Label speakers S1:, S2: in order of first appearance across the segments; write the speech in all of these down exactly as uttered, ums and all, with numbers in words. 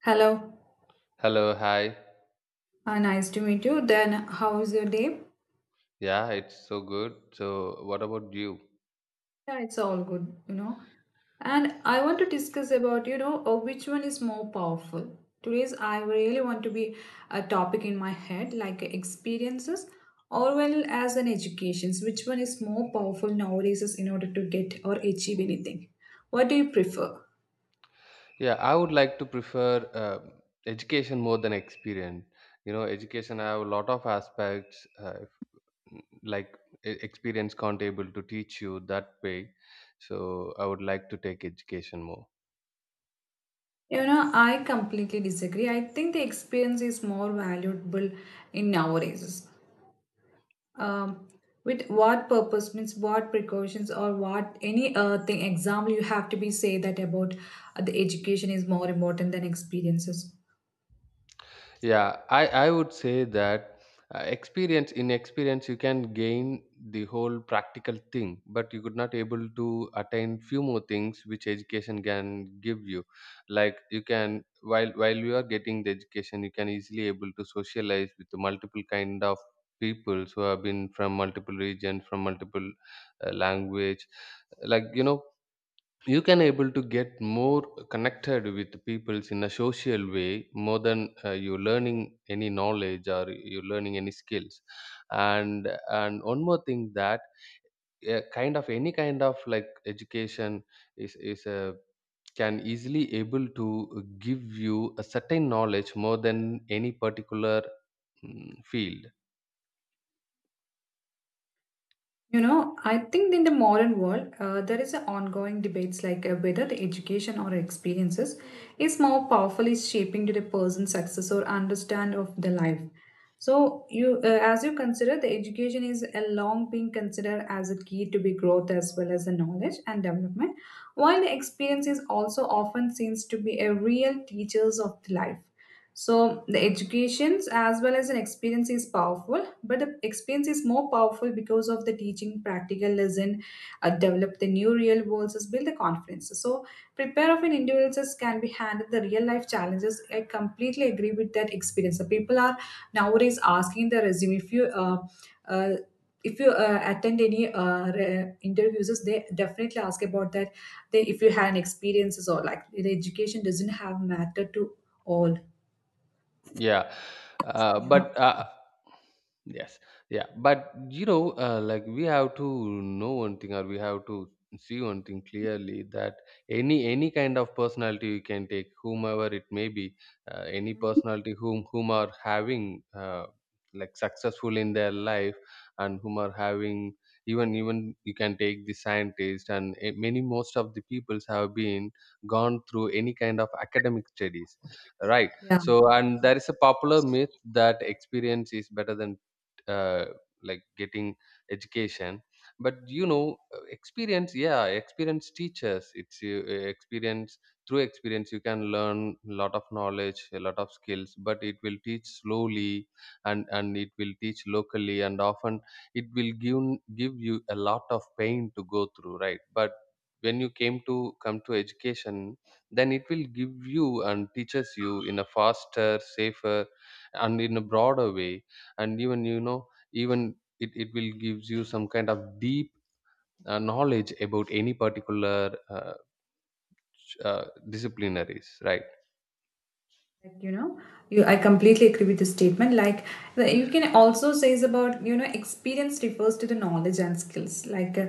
S1: Hello,
S2: Hello, hi.
S1: uh, nice to meet you. Then, how is your day?
S2: Yeah, it's so good. So, what about you?
S1: Yeah, it's all good, you know. And I want to discuss about, you know, uh, which one is more powerful. Today's, I really want to be a topic in my head, like experiences or well as an educations. Which one is more powerful nowadays is in order to get or achieve anything? What do you prefer?
S2: Yeah, I would like to prefer uh, education more than experience. You know, education I have a lot of aspects. Uh, like e- Experience can't able to teach you that way, so I would like to take education more.
S1: You know, I completely disagree. I think the experience is more valuable in nowadays. Um, with what purpose means what precautions or what any uh, thing example you have to be say that about uh, the education is more important than experiences.
S2: Yeah, i i would say that uh, experience in experience you can gain the whole practical thing, but you could not able to attain few more things which education can give you. Like you can, while while you are getting the education you can easily able to socialize with the multiple kind of people who have been from multiple regions, from multiple uh, language, like you know. You can able to get more connected with peoples in a social way more than uh, you learning any knowledge or you learning any skills. And and one more thing that, uh, kind of any kind of like education is is a can easily able to give you a certain knowledge more than any particular, mm, field.
S1: You know, I think in the modern world, uh, there is a ongoing debates like uh, whether the education or experiences is more powerfully shaping to the person's success or understand of the life. So you, uh, as you consider, the education is a long being considered as a key to be growth as well as the knowledge and development, while the experience is also often seems to be a real teachers of the life. So the educations as well as an experience is powerful but the experience is more powerful because of the teaching practical lesson, uh, develop the new real worlds is build the confidence so prepare of an individuals can be handled the real life challenges. I completely agree with that. Experience, the people are nowadays asking the resume if you uh, uh, if you uh, attend any uh, re- interviews, they definitely ask about that. They, if you had an experiences or like the education doesn't have matter to all.
S2: Yeah, uh,
S1: Yeah.
S2: but uh, yes. Yeah, but you know, uh, like we have to know one thing, or we have to see one thing clearly, that any any kind of personality you can take, whomever it may be, uh, any
S1: Mhm.
S2: personality whom whom are having, uh, like successful in their life, and whom are having, even even you can take the scientist, and eh, many, most of the peoples have been gone through any kind of academic studies, right?
S1: Yeah.
S2: So, and there is a popular myth that experience is better than, uh, like getting education. But you know, uh, experience, yeah, experience teaches. It's you, uh, experience through experience you can learn a lot of knowledge, a lot of skills. But it will teach slowly, and and it will teach locally, and often it will give give you a lot of pain to go through, right? But when you came to come to education, then it will give you and teaches you in a faster, safer and in a broader way. And even you know, even it, it will gives you some kind of deep, uh, knowledge about any particular uh, uh, disciplinaries, right?
S1: Like, you know, you I completely agree with the statement like the- you can also say is about, you know, experience refers to the knowledge and skills like uh,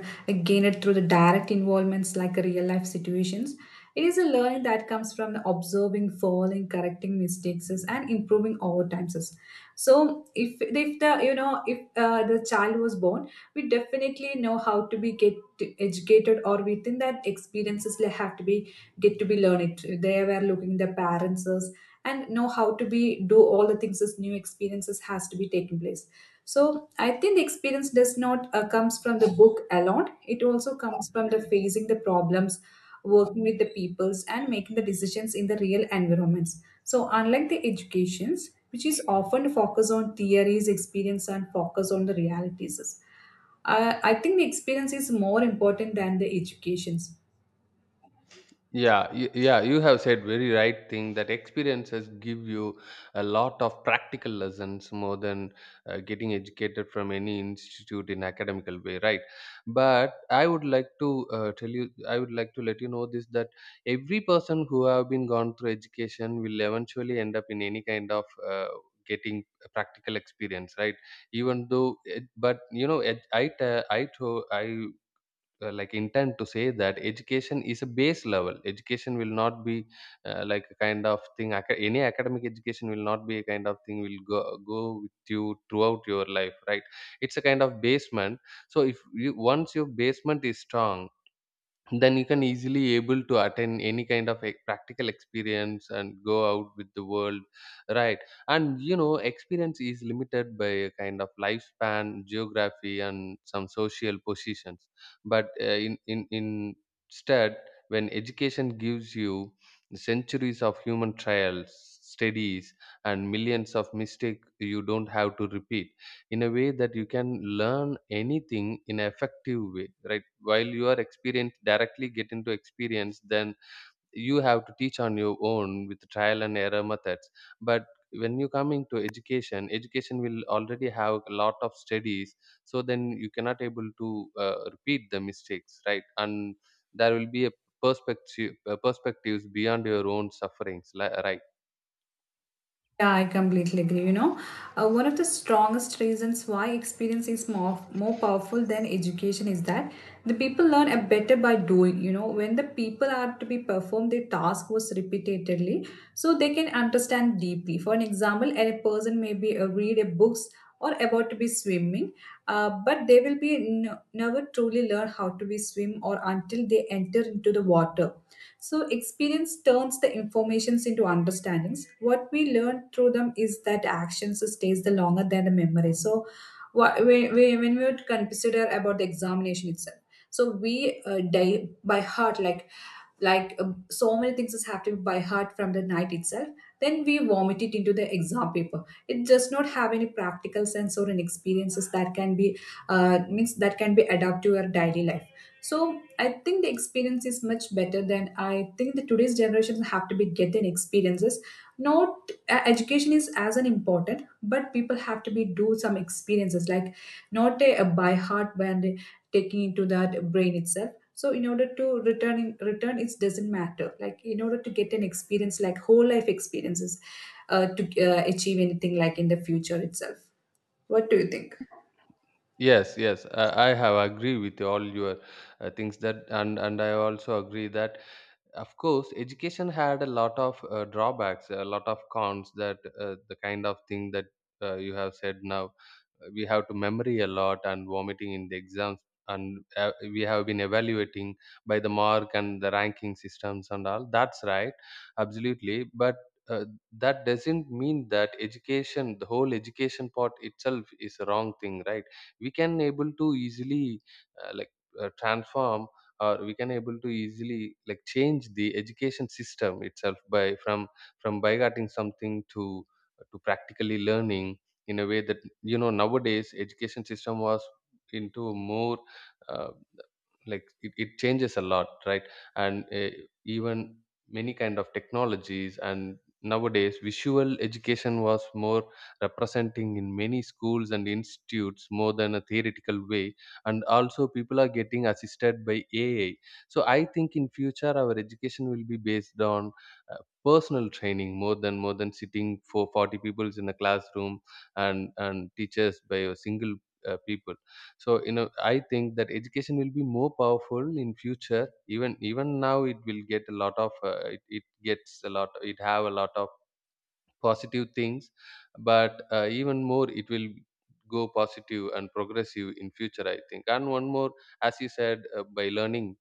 S1: gained through the direct involvements like uh, real life situations. It is a learning that comes from the observing, falling, correcting mistakes and improving over times. So if if the, you know, if uh, the child was born, we definitely know how to be get educated or within that experiences like, have to be get to be learn it, they were looking their parents us and know how to be do all the things as new experiences has to be taking place. So I think the experience does not uh, comes from the book alone, it also comes from the facing the problems, working with the peoples and making the decisions in the real environments. So unlike the educations, which is often focused on theories, experience and focus on the realities. uh, I think the experience is more important than the educations.
S2: Yeah, y- yeah, you have said very right thing, that experiences give you a lot of practical lessons more than uh, getting educated from any institute in academical way, right? But I would like to uh, tell you, I would like to let you know this, that every person who have been gone through education will eventually end up in any kind of uh, getting a practical experience, right? Even though, it, but you know, ed- I, t- I, to, I uh, like intent to say that education is a base level, education will not be uh, like a kind of thing, aca- any academic education will not be a kind of thing will go, go with you throughout your life, right? It's a kind of basement. So if you, once your basement is strong, then you can easily able to attend any kind of a practical experience and go out with the world, right? And you know, experience is limited by a kind of lifespan, geography and some social positions. But uh, in, in in instead, when education gives you centuries of human trials, studies, and millions of mistakes you don't have to repeat, in a way that you can learn anything in an effective way, right? While you are experienced, directly get into experience, then you have to teach on your own with trial and error methods. But when you come into education, education will already have a lot of studies. So then you cannot able to uh, repeat the mistakes, right? And there will be a perspective, uh, perspectives beyond your own sufferings, li- right.
S1: Yeah, I completely agree. You know, uh, one of the strongest reasons why experience is more more powerful than education is that the people learn a better by doing. You know, when the people are to be performed their task was repeatedly, so they can understand deeply. For an example, a person may be uh, read a books or about to be swimming, uh, but they will be n- never truly learn how to be swim or until they enter into the water. So, experience turns the informations into understandings. What we learn through them is that actions stays the longer than the memory. So, wha- we- we- when we would consider about the examination itself, so we uh, die by heart, like like uh, so many things is happening by heart from the night itself. Then we vomit it into the exam paper. It does not have any practical sense or an experiences that can be uh, means that can be adapted to your daily life. So I think the experience is much better than, I think the today's generations have to be getting experiences. Not uh, education is as an important, but people have to be do some experiences like not a, a by heart when they taking into that brain itself. So in order to return in return, it doesn't matter. Like in order to get an experience, like whole life experiences, uh, to uh, achieve anything like in the future itself. What do you think?
S2: Yes, yes, I I have agree with all your uh, things that, and and I also agree that of course education had a lot of uh, drawbacks, a lot of cons, that uh, the kind of thing that uh, you have said now, uh, we have to memory a lot and vomiting in the exams, and uh, we have been evaluating by the mark and the ranking systems and all that's right, absolutely. But uh, that doesn't mean that education, the whole education part itself, is a wrong thing, right? We can able to easily uh, like uh, transform, or we can able to easily like change the education system itself, by, from from bygoting something to to practically learning, in a way that you know nowadays education system was into more uh, like, it, it changes a lot, right? And uh, even many kind of technologies, and nowadays visual education was more representing in many schools and institutes more than a theoretical way. And also people are getting assisted by AI. So I think in future our education will be based on uh, personal training, more than, more than sitting for forty people in a classroom, and and teachers by a single uh, people. So you know, I think that education will be more powerful in future. Even, even now it will get a lot of, uh, it, it gets a lot, it have a lot of positive things. But uh, even more it will go positive and progressive in future, I think. And one more, as you said, uh, by learning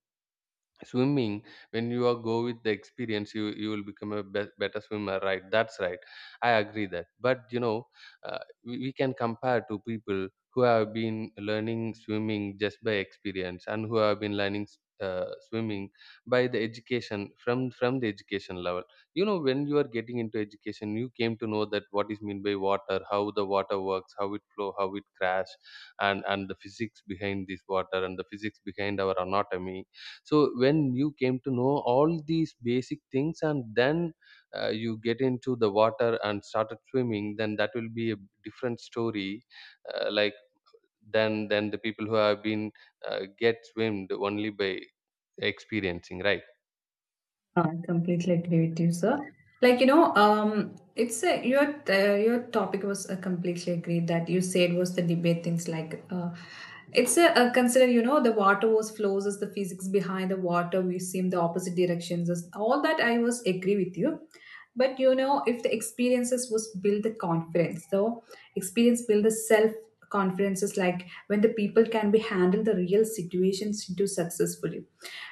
S2: swimming, when you are go with the experience, you you will become a be- better swimmer, right? That's right, I agree that. But you know, uh, we, we can compare to people who have been learning swimming just by experience, and who have been learning uh, swimming by the education, from from the education level. You know, when you are getting into education, you came to know that what is meant by water, how the water works, how it flow, how it crash, and and the physics behind this water, and the physics behind our anatomy. So when you came to know all these basic things, and then uh, you get into the water and started swimming, then that will be a different story, uh, like, then then the people who have been uh, get swimmed only by experiencing, right?
S1: I completely agree with you, sir. Like you know, um, it's a, your uh, your topic was uh, completely agreed that you said was the debate things like, uh, it's a, a consider, you know, the water was flows as the physics behind the water we seem the opposite directions as all that I was agree with you. But you know, if the experiences was build the confidence, so experience build the self confidences like when the people can be handle the real situations to successfully.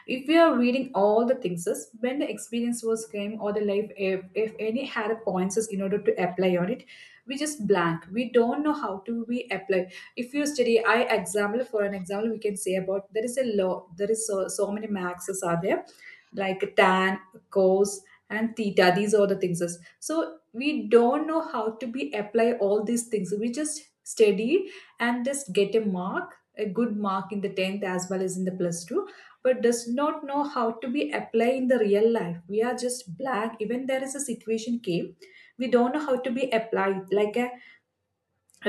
S1: If we are reading all the things, is when the experience was came or the life, if, if any had a points is in order to apply on it, we just blank. We don't know how to we apply. If you study, I example for an example, we can say about there is a law. There is so, so many maxes are there like tan, cos, and theta. These are the things. So we don't know how to be apply all these things. We just study and just get a mark, a good mark in the tenth as well as in the plus two, but does not know how to be apply in the real life. We are just black. Even there is a situation came, we don't know how to be applied. Like a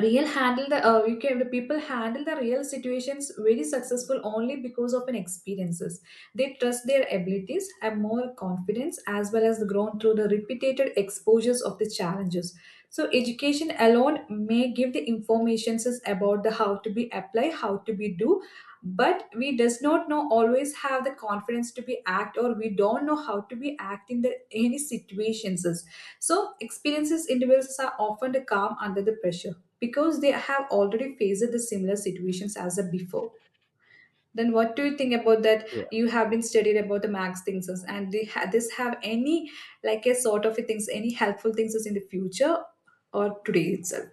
S1: real handle the uh, you can the people handle the real situations very successful only because of an experiences. They trust their abilities, have more confidence as well as grown through the repeated exposures of the challenges. So education alone may give the informations about the how to be apply, how to be do, but we does not know always have the confidence to be act or we don't know how to be act in the any situations. So, experiences individuals are often calm under the pressure because they have already faced the similar situations as a before. Then, what do you think about that? You have been studied about the max things, is- and they ha- this have any like a sort of a things, any helpful things is in the future or today itself?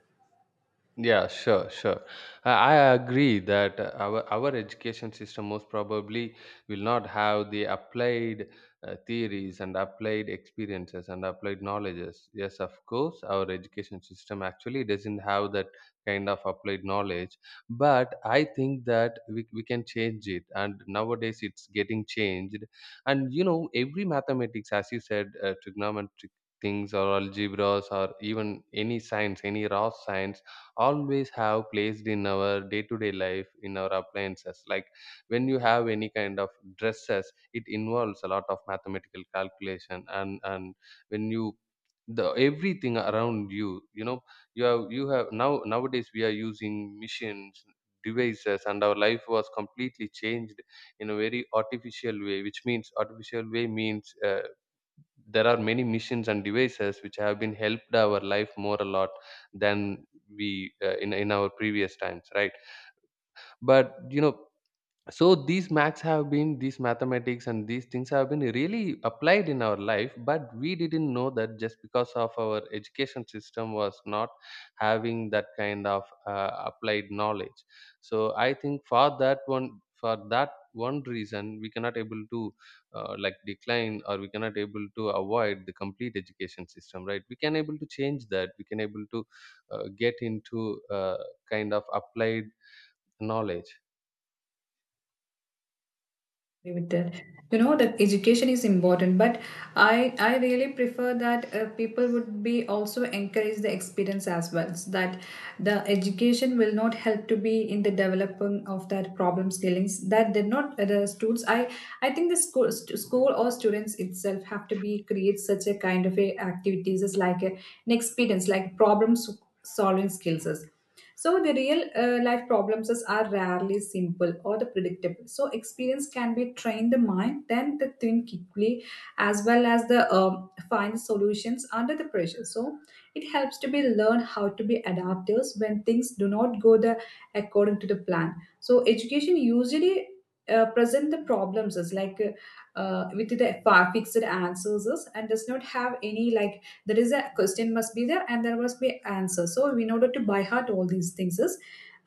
S2: Yeah, sure, sure. I, I agree that uh, our our education system most probably will not have the applied uh, theories and applied experiences and applied knowledges. Yes, of course, our education system actually doesn't have that kind of applied knowledge. But I think that we we can change it, and nowadays it's getting changed. And you know, every mathematics, as you said, uh, trigonometric things, or algebras, or even any science, any raw science, always have placed in our day-to-day life in our appliances. Like when you have any kind of dresses, it involves a lot of mathematical calculation. And and when you, the everything around you, you know, you have you have now nowadays we are using machines, devices, and our life was completely changed in a very artificial way, which means artificial way means uh, there are many machines and devices which have been helped our life more a lot than we uh, in in our previous times, right? But you know, so these maths have been, these mathematics and these things have been really applied in our life, but we didn't know that, just because of our education system was not having that kind of uh, applied knowledge. So I think, for that one, for that one reason, we cannot able to uh, like decline, or we cannot able to avoid the complete education system, right? We can able to change that, we can able to uh, get into uh, kind of applied knowledge.
S1: Agree with that. You know that education is important, but I I really prefer that uh, people would be also encourage the experience as well. So that the education will not help to be in the developing of that problem skillings. That did not uh, the students. I I think the school st- school or students itself have to be create such a kind of a activities as like a, an experience like problem s- solving skills. So, the real uh, life problems is- are rarely simple or the predictable. So, experience can be train the mind, then the think quickly, as well as the um, find solutions under the pressure. So, it helps to be learn how to be adaptive when things do not go the according to the plan. So, education usually uh, present the problems as like uh, uh, with the fa- fixed answers is and does not have any like, there is a question must be there and there must be answer. So in order to by heart all these things is,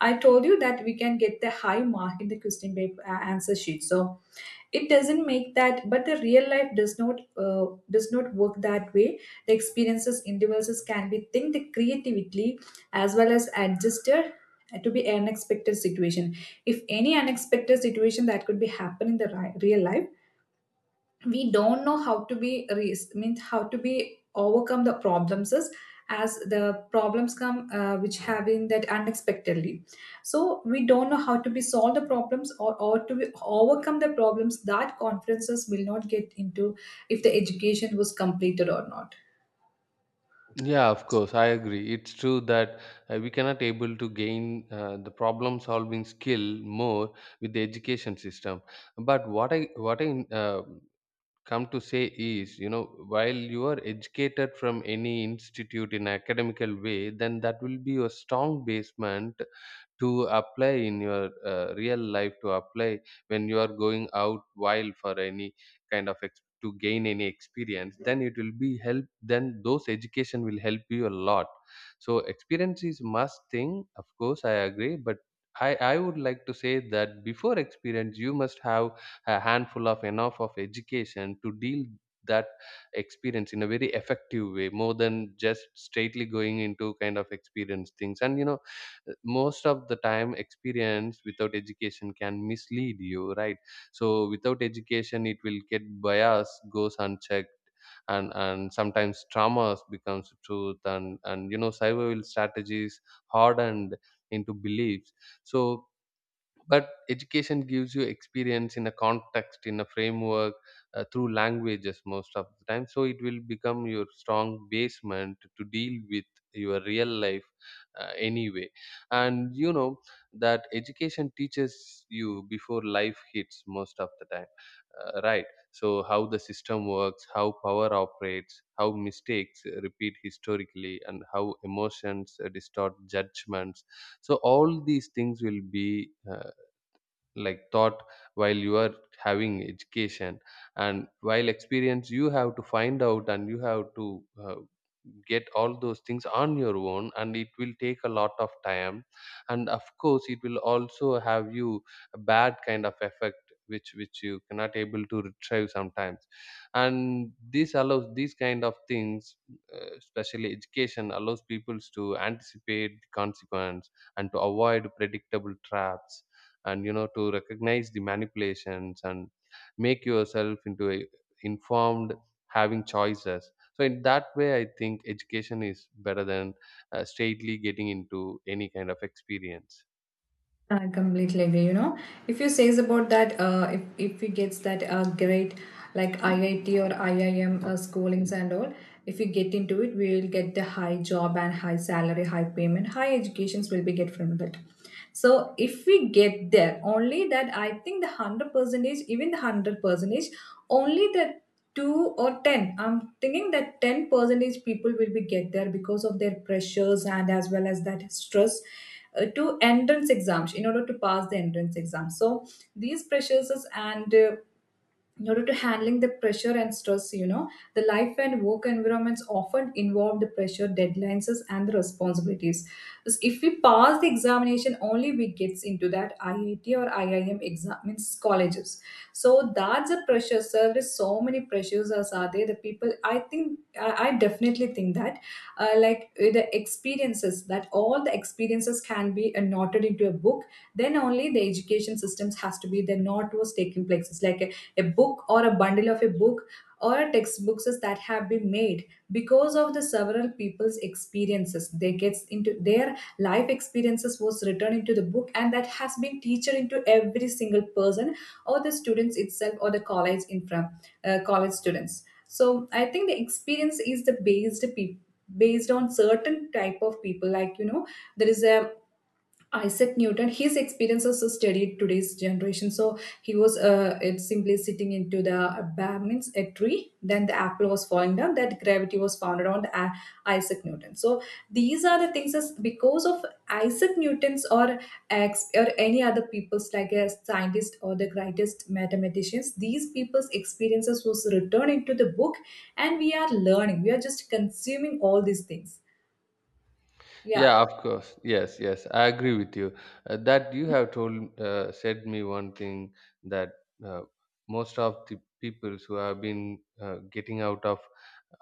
S1: I told you that we can get the high mark in the question paper uh, answer sheet. So it doesn't make that, but the real life does not uh, does not work that way. The experiences individuals can be think the creatively as well as adjusted to be an unexpected situation. If any unexpected situation that could be happen in the ri- real life, we don't know how to be re- means how to be overcome the problems is, as the problems come uh, which having that unexpectedly. So we don't know how to be solve the problems, or, or to be overcome the problems, that conferences will not get into if the education was completed or not.
S2: Yeah, of course, I agree. It's true that uh, we cannot able to gain uh, the problem solving skill more with the education system. But what I what I uh, come to say is, you know, while you are educated from any institute in academical way, then that will be your strong basement to apply in your uh, real life to apply when you are going out wild for any kind of ex- to gain any experience, then it will be help, then those education will help you a lot. So experience is must thing, of course I agree, but I, I would like to say that before experience you must have a handful of enough of education to deal that experience in a very effective way, more than just straightly going into kind of experience things. And you know, most of the time experience without education can mislead you, right? So without education it will get bias goes unchecked, and and sometimes traumas becomes truth, and and you know, survival strategies hardened into beliefs. So but education gives you experience in a context, in a framework, uh, through languages most of the time, so it will become your strong basement to deal with your real life, uh, anyway. And you know, that education teaches you before life hits most of the time, uh, right? So how the system works, how power operates, how mistakes repeat historically, and how emotions uh, distort judgments. So all these things will be uh, like thought while you are having education. And while experience, you have to find out, and you have to uh, get all those things on your own, and it will take a lot of time. And of course it will also have you a bad kind of effect, which which you cannot able to retrieve sometimes. And this allows these kind of things. Uh, especially education allows people to anticipate the consequence, and to avoid predictable traps, and you know, to recognize the manipulations and make yourself into a informed, having choices. So in that way I think education is better than uh, straightly getting into any kind of experience.
S1: I completely agree. You know, if you says about that, uh, if if he gets that uh, great like I I T or I I M uh, schoolings and all, if you get into it, we will get the high job and high salary, high payment, high educations will be get from that. So if we get there, only that I think the hundred percentage, even the hundred percentage, only the two or ten. I'm thinking that ten percentage people will be get there because of their pressures and as well as that stress uh, to entrance exams in order to pass the entrance exam. So these pressures and uh, in order to handling the pressure and stress, you know, the life and work environments often involve the pressure deadlines and the responsibilities. So, if we pass the examination only we gets into that iit or iim exam means colleges, so that's a pressure sir, there is so many pressures as are there the people, I think i, I definitely think that uh, like uh, the experiences that all the experiences can be uh, noted into a book, then only the education systems has to be the not was taking places like a book or a bundle of a book or a textbooks that have been made because of the several people's experiences they gets into their life experiences was written into the book and that has been teacher into every single person or the students itself or the college infra uh, college students. So I think the experience is the based pe- based on certain type of people, like you know there is a Isaac Newton, his experience also studied today's generation. So he was uh, it simply sitting into the uh, means a tree. Then the apple was falling down. That gravity was founded on the, uh, Isaac Newton. So these are the things as because of Isaac Newton's or ex, or any other people's like a scientist or the greatest mathematicians. These people's experiences was returned into the book, and we are learning. We are just consuming all these things. Yeah.
S2: Yeah, of course. Yes, yes, I agree with you. Uh, that you have told uh, said me one thing that uh, most of the people who have been uh, getting out of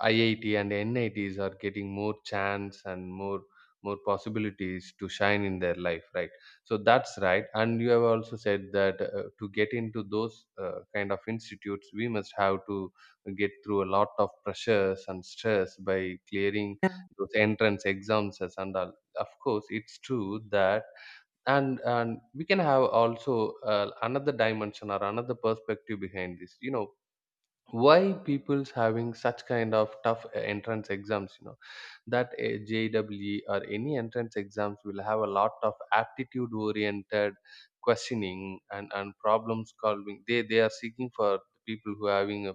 S2: I I T and N I Ts are getting more chance and more more possibilities to shine in their life, right? So that's right. And you have also said that uh, to get into those uh, kind of institutes, we must have to get through a lot of pressures and stress by clearing those entrance exams and all. Of course, it's true that, and and we can have also uh, another dimension or another perspective behind this. You know, why people's having such kind of tough uh, entrance exams, you know, that uh, J E E or any entrance exams will have a lot of aptitude oriented questioning, and and problem solving, they they are seeking for people who are having a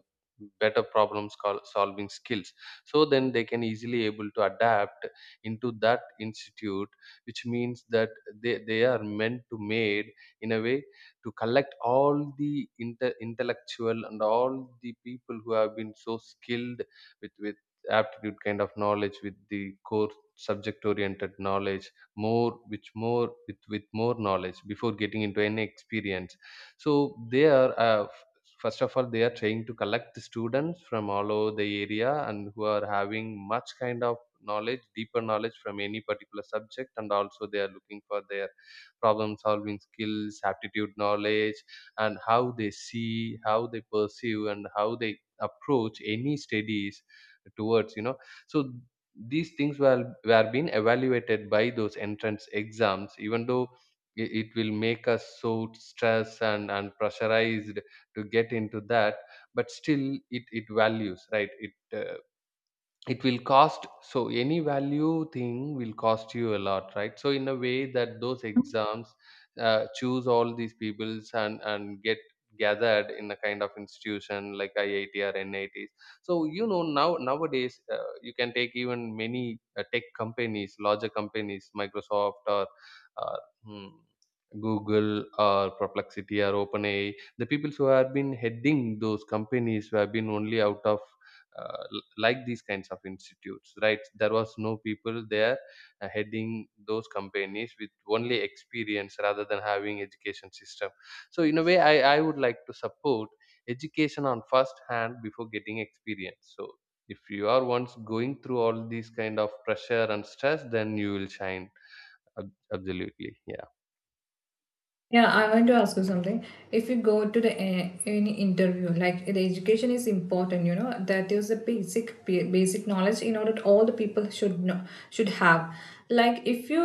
S2: better problem sol- solving skills. So then they can easily able to adapt into that institute, which means that they they are meant to made in a way to collect all the inte- intellectual and all the people who have been so skilled with with aptitude kind of knowledge, with the core subject oriented knowledge more, which more with with more knowledge before getting into any experience. So they are uh, f- first of all, they are trying to collect the students from all over the area, and who are having much kind of knowledge, deeper knowledge from any particular subject, and also they are looking for their problem solving skills, aptitude knowledge, and how they see, how they perceive, and how they approach any studies towards, you know. So these things were were being evaluated by those entrance exams, even though i- it will make us so stressed and, and pressurized to get into that. But still it, it values, right? It uh, it will cost, so any value thing will cost you a lot, right? So in a way that those exams uh, choose all these peoples and and get gathered in a kind of institution like IIT or NITs. So you know, now nowadays, uh, you can take even many uh, tech companies, larger companies, Microsoft or uh, hmm, Google or Perplexity or OpenAI, the people who have been heading those companies, who have been only out of uh, l- like these kinds of institutes, right? There was no people there uh, heading those companies with only experience rather than having education system. So in a way i, I would like to support education on first hand before getting experience. So if you are once going through all these kind of pressure and stress, then you will shine, ab- absolutely, yeah.
S1: Yeah, I want to ask you something. If you go to the uh, any interview, like the education is important, you know, that is the basic ba- basic knowledge in order all the people should know should have. Like if you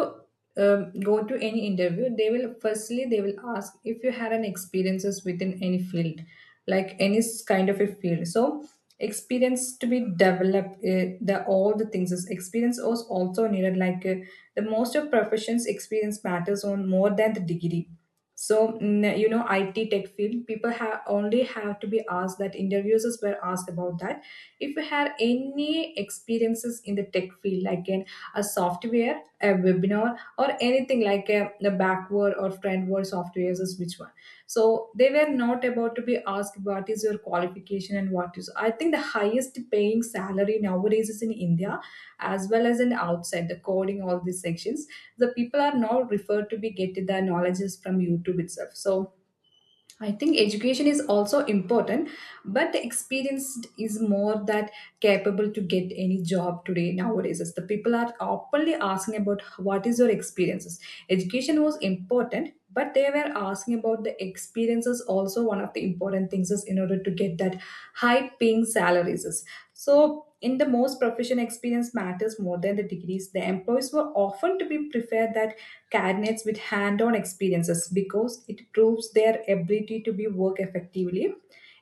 S1: um, go to any interview, they will firstly they will ask if you had an experiences within any field, like any s- kind of a field. So experience to be developed uh, the all the things is experience was also needed like uh, the most of professions experience matters on more than the degree. So mm, you know, I T tech field people have only have to be asked that interviews were asked about that. If you had any experiences in the tech field, like in a software, a webinar, or anything like a, the backward or frontward softwares, is which one? So they were not about to be asked what is your qualification and what is. I think the highest paying salary nowadays is in India as well as in outside the coding all these sections, the people are now referred to be getting their knowledges from youtube itself. So I think education is also important, but the experienced is more that capable to get any job today nowadays as the people are openly asking about what is your experiences. Education was important but they were asking about the experiences also, one of the important things is in order to get that high paying salaries is. So in the most profession experience matters more than the degrees, the employees were often to be preferred that candidates with hand-on experiences because it proves their ability to be work effectively.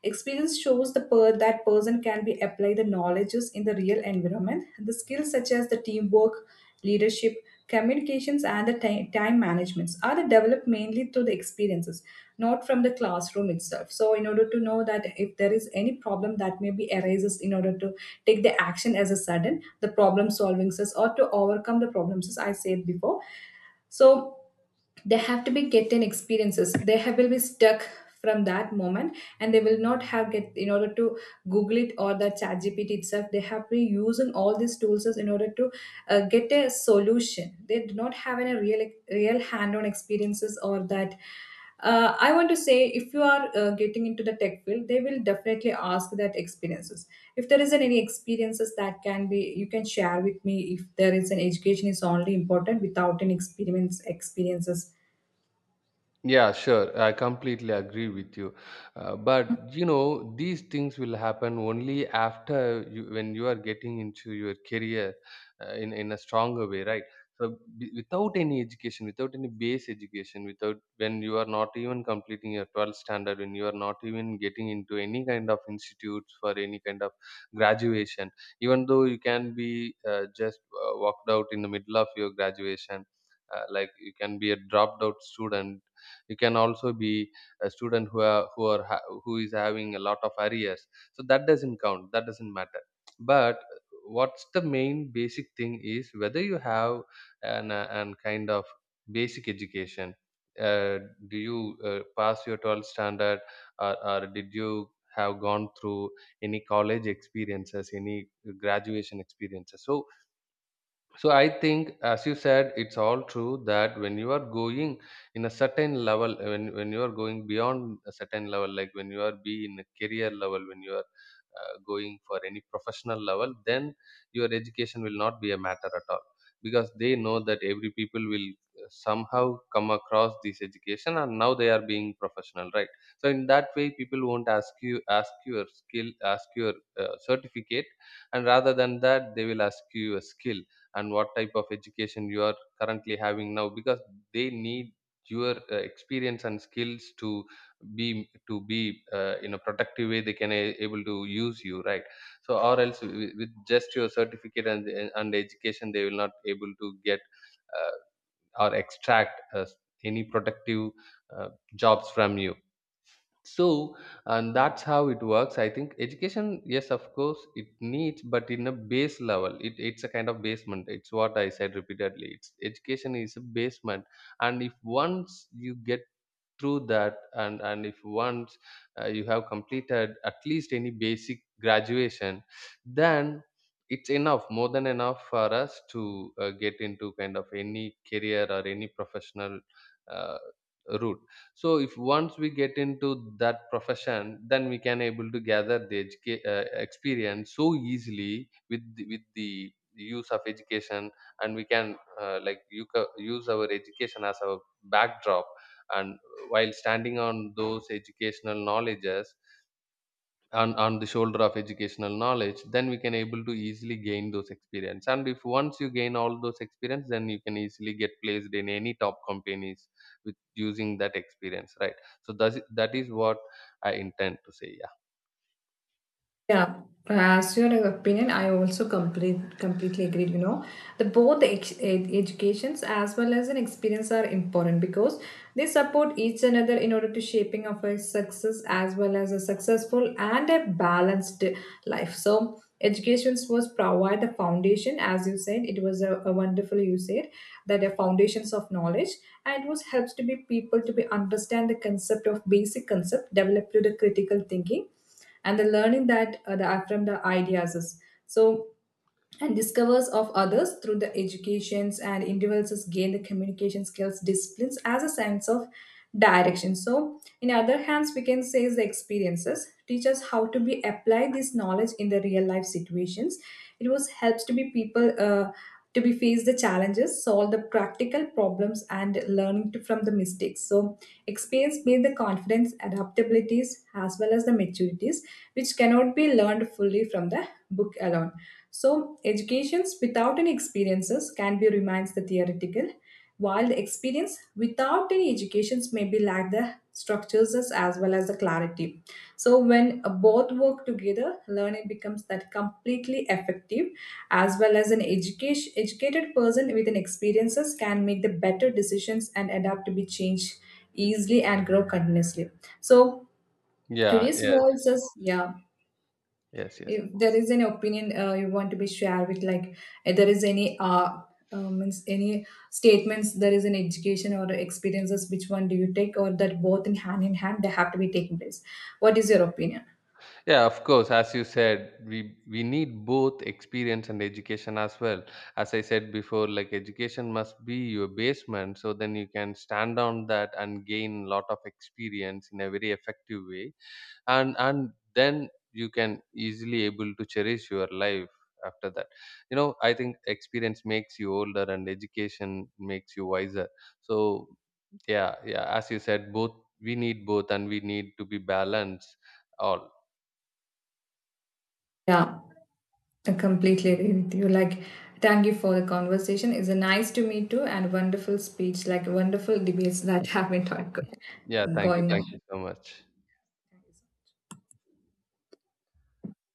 S1: Experience shows the per- that person can be apply the knowledges in the real environment. The skills such as the teamwork, leadership, communications, and the ti- time managements are developed mainly through the experiences, not from the classroom itself. So, in order to know that if there is any problem that maybe arises, in order to take the action as a sudden, the problem solving says or to overcome the problems as I said before. So they have to be getting experiences they have, will be stuck from that moment and they will not have get in order to google it or the chat gpt itself they have been using all these tools as in order to uh, get a solution. They do not have any real real hand-on experiences or that uh, I want to say if you are uh, getting into the tech field they will definitely ask that experiences. If there isn't any experiences that can be, you can share with me if there is an education is only important without an experience experiences.
S2: Yeah, sure. I completely agree with you. Uh, but you know, these things will happen only after you, when you are getting into your career uh, in in a stronger way, right? So b- without any education, without any base education, without when you are not even completing your twelfth standard, when you are not even getting into any kind of institutes for any kind of graduation, even though you can be uh, just uh, walked out in the middle of your graduation. Uh, like you can be a dropped out student, you can also be a student who are who are ha- who is having a lot of arrears. So that doesn't count, that doesn't matter. But what's the main basic thing is whether you have an, uh, an kind of basic education. uh, do you uh, pass your twelfth standard, or, or did you have gone through any college experiences, any graduation experiences? So so I think as you said, it's all true that when you are going in a certain level, uh, when, when you are going beyond a certain level, like when you are be in a career level, when you are uh, going for any professional level, then your education will not be a matter at all, because they know that every people will uh, somehow come across this education, and now they are being professional, right? So in that way people won't ask you, ask your skill, ask your uh, certificate, and rather than that they will ask you a skill and what type of education you are currently having now, because they need your uh, experience and skills to be, to be uh, in a productive way they can a- able to use you, right? So or else with, with just your certificate and and education, they will not able to get uh, or extract uh, any productive uh, jobs from you. So, and that's how it works. I think education, yes, of course, it needs, but in a base level, it, it's a kind of basement. It's what I said repeatedly. It's education is a basement, and if once you get through that, and and if once uh, you have completed at least any basic graduation, then it's enough, more than enough for us to uh, get into kind of any career or any professional uh, route. So if once we get into that profession, then we can able to gather the educa- uh, experience so easily with the, with the use of education. And we can uh, like you ca- use our education as our backdrop, and while standing on those educational knowledges, on, on the shoulder of educational knowledge, then we can able to easily gain those experience. And if once you gain all those experience, then you can easily get placed in any top companies with using that experience, right? So that's, that is what I intend to say.
S1: Yeah, as your opinion, I also complete, completely agree. You know, the both the ex- ed- educations as well as an experience are important because they support each another in order to shaping of a success as well as a successful and a balanced life. So, educations was provide the foundation, as you said. It was a, a wonderful you said that the foundations of knowledge, and it was helps to be people to be understand the concept of basic concept, develop to the critical thinking and the learning that uh, the from the ideas is. So and discovers of others through the educations and individuals gain the communication skills disciplines as a sense of direction. So in other hands we can say the experiences teach us how to be apply this knowledge in the real life situations. It was helps to be people uh, to be face the challenges solve the practical problems and learning to, from the mistakes. So experience build the confidence adaptabilities as well as the maturities which cannot be learned fully from the book alone. So, educations without any experiences can be remains the theoretical, while the experience without any educations may be lack the structures as as well as the clarity. So, when uh, both work together, learning becomes that completely effective, as well as an education educated person with an experiences can make the better decisions and adapt to be changed easily and grow continuously. So,
S2: Yeah, yeah.
S1: today's
S2: Yes.
S1: world says, yeah,
S2: Yes, yes.
S1: if there is any opinion uh, you want to be shared with, like if there is any uh, uh means any statements there is an education or experiences, which one do you take or that both in hand in hand they have to be taking place? What is your opinion?
S2: Yeah, of course. As you said, we we need both experience and education as well. As I said before, like education must be your basement, so then you can stand on that and gain a lot of experience in a very effective way, and and then you can easily able to cherish your life after that. You know, I think experience makes you older, and education makes you wiser. So yeah, yeah. As you said, both we need both, and we need to be balanced all.
S1: Yeah, I completely agree with you, like thank you for the conversation. It's a nice to meet you and wonderful speech, like wonderful debates that have been talk-
S2: Yeah, thank you.
S1: going
S2: Thank you
S1: on.
S2: so much.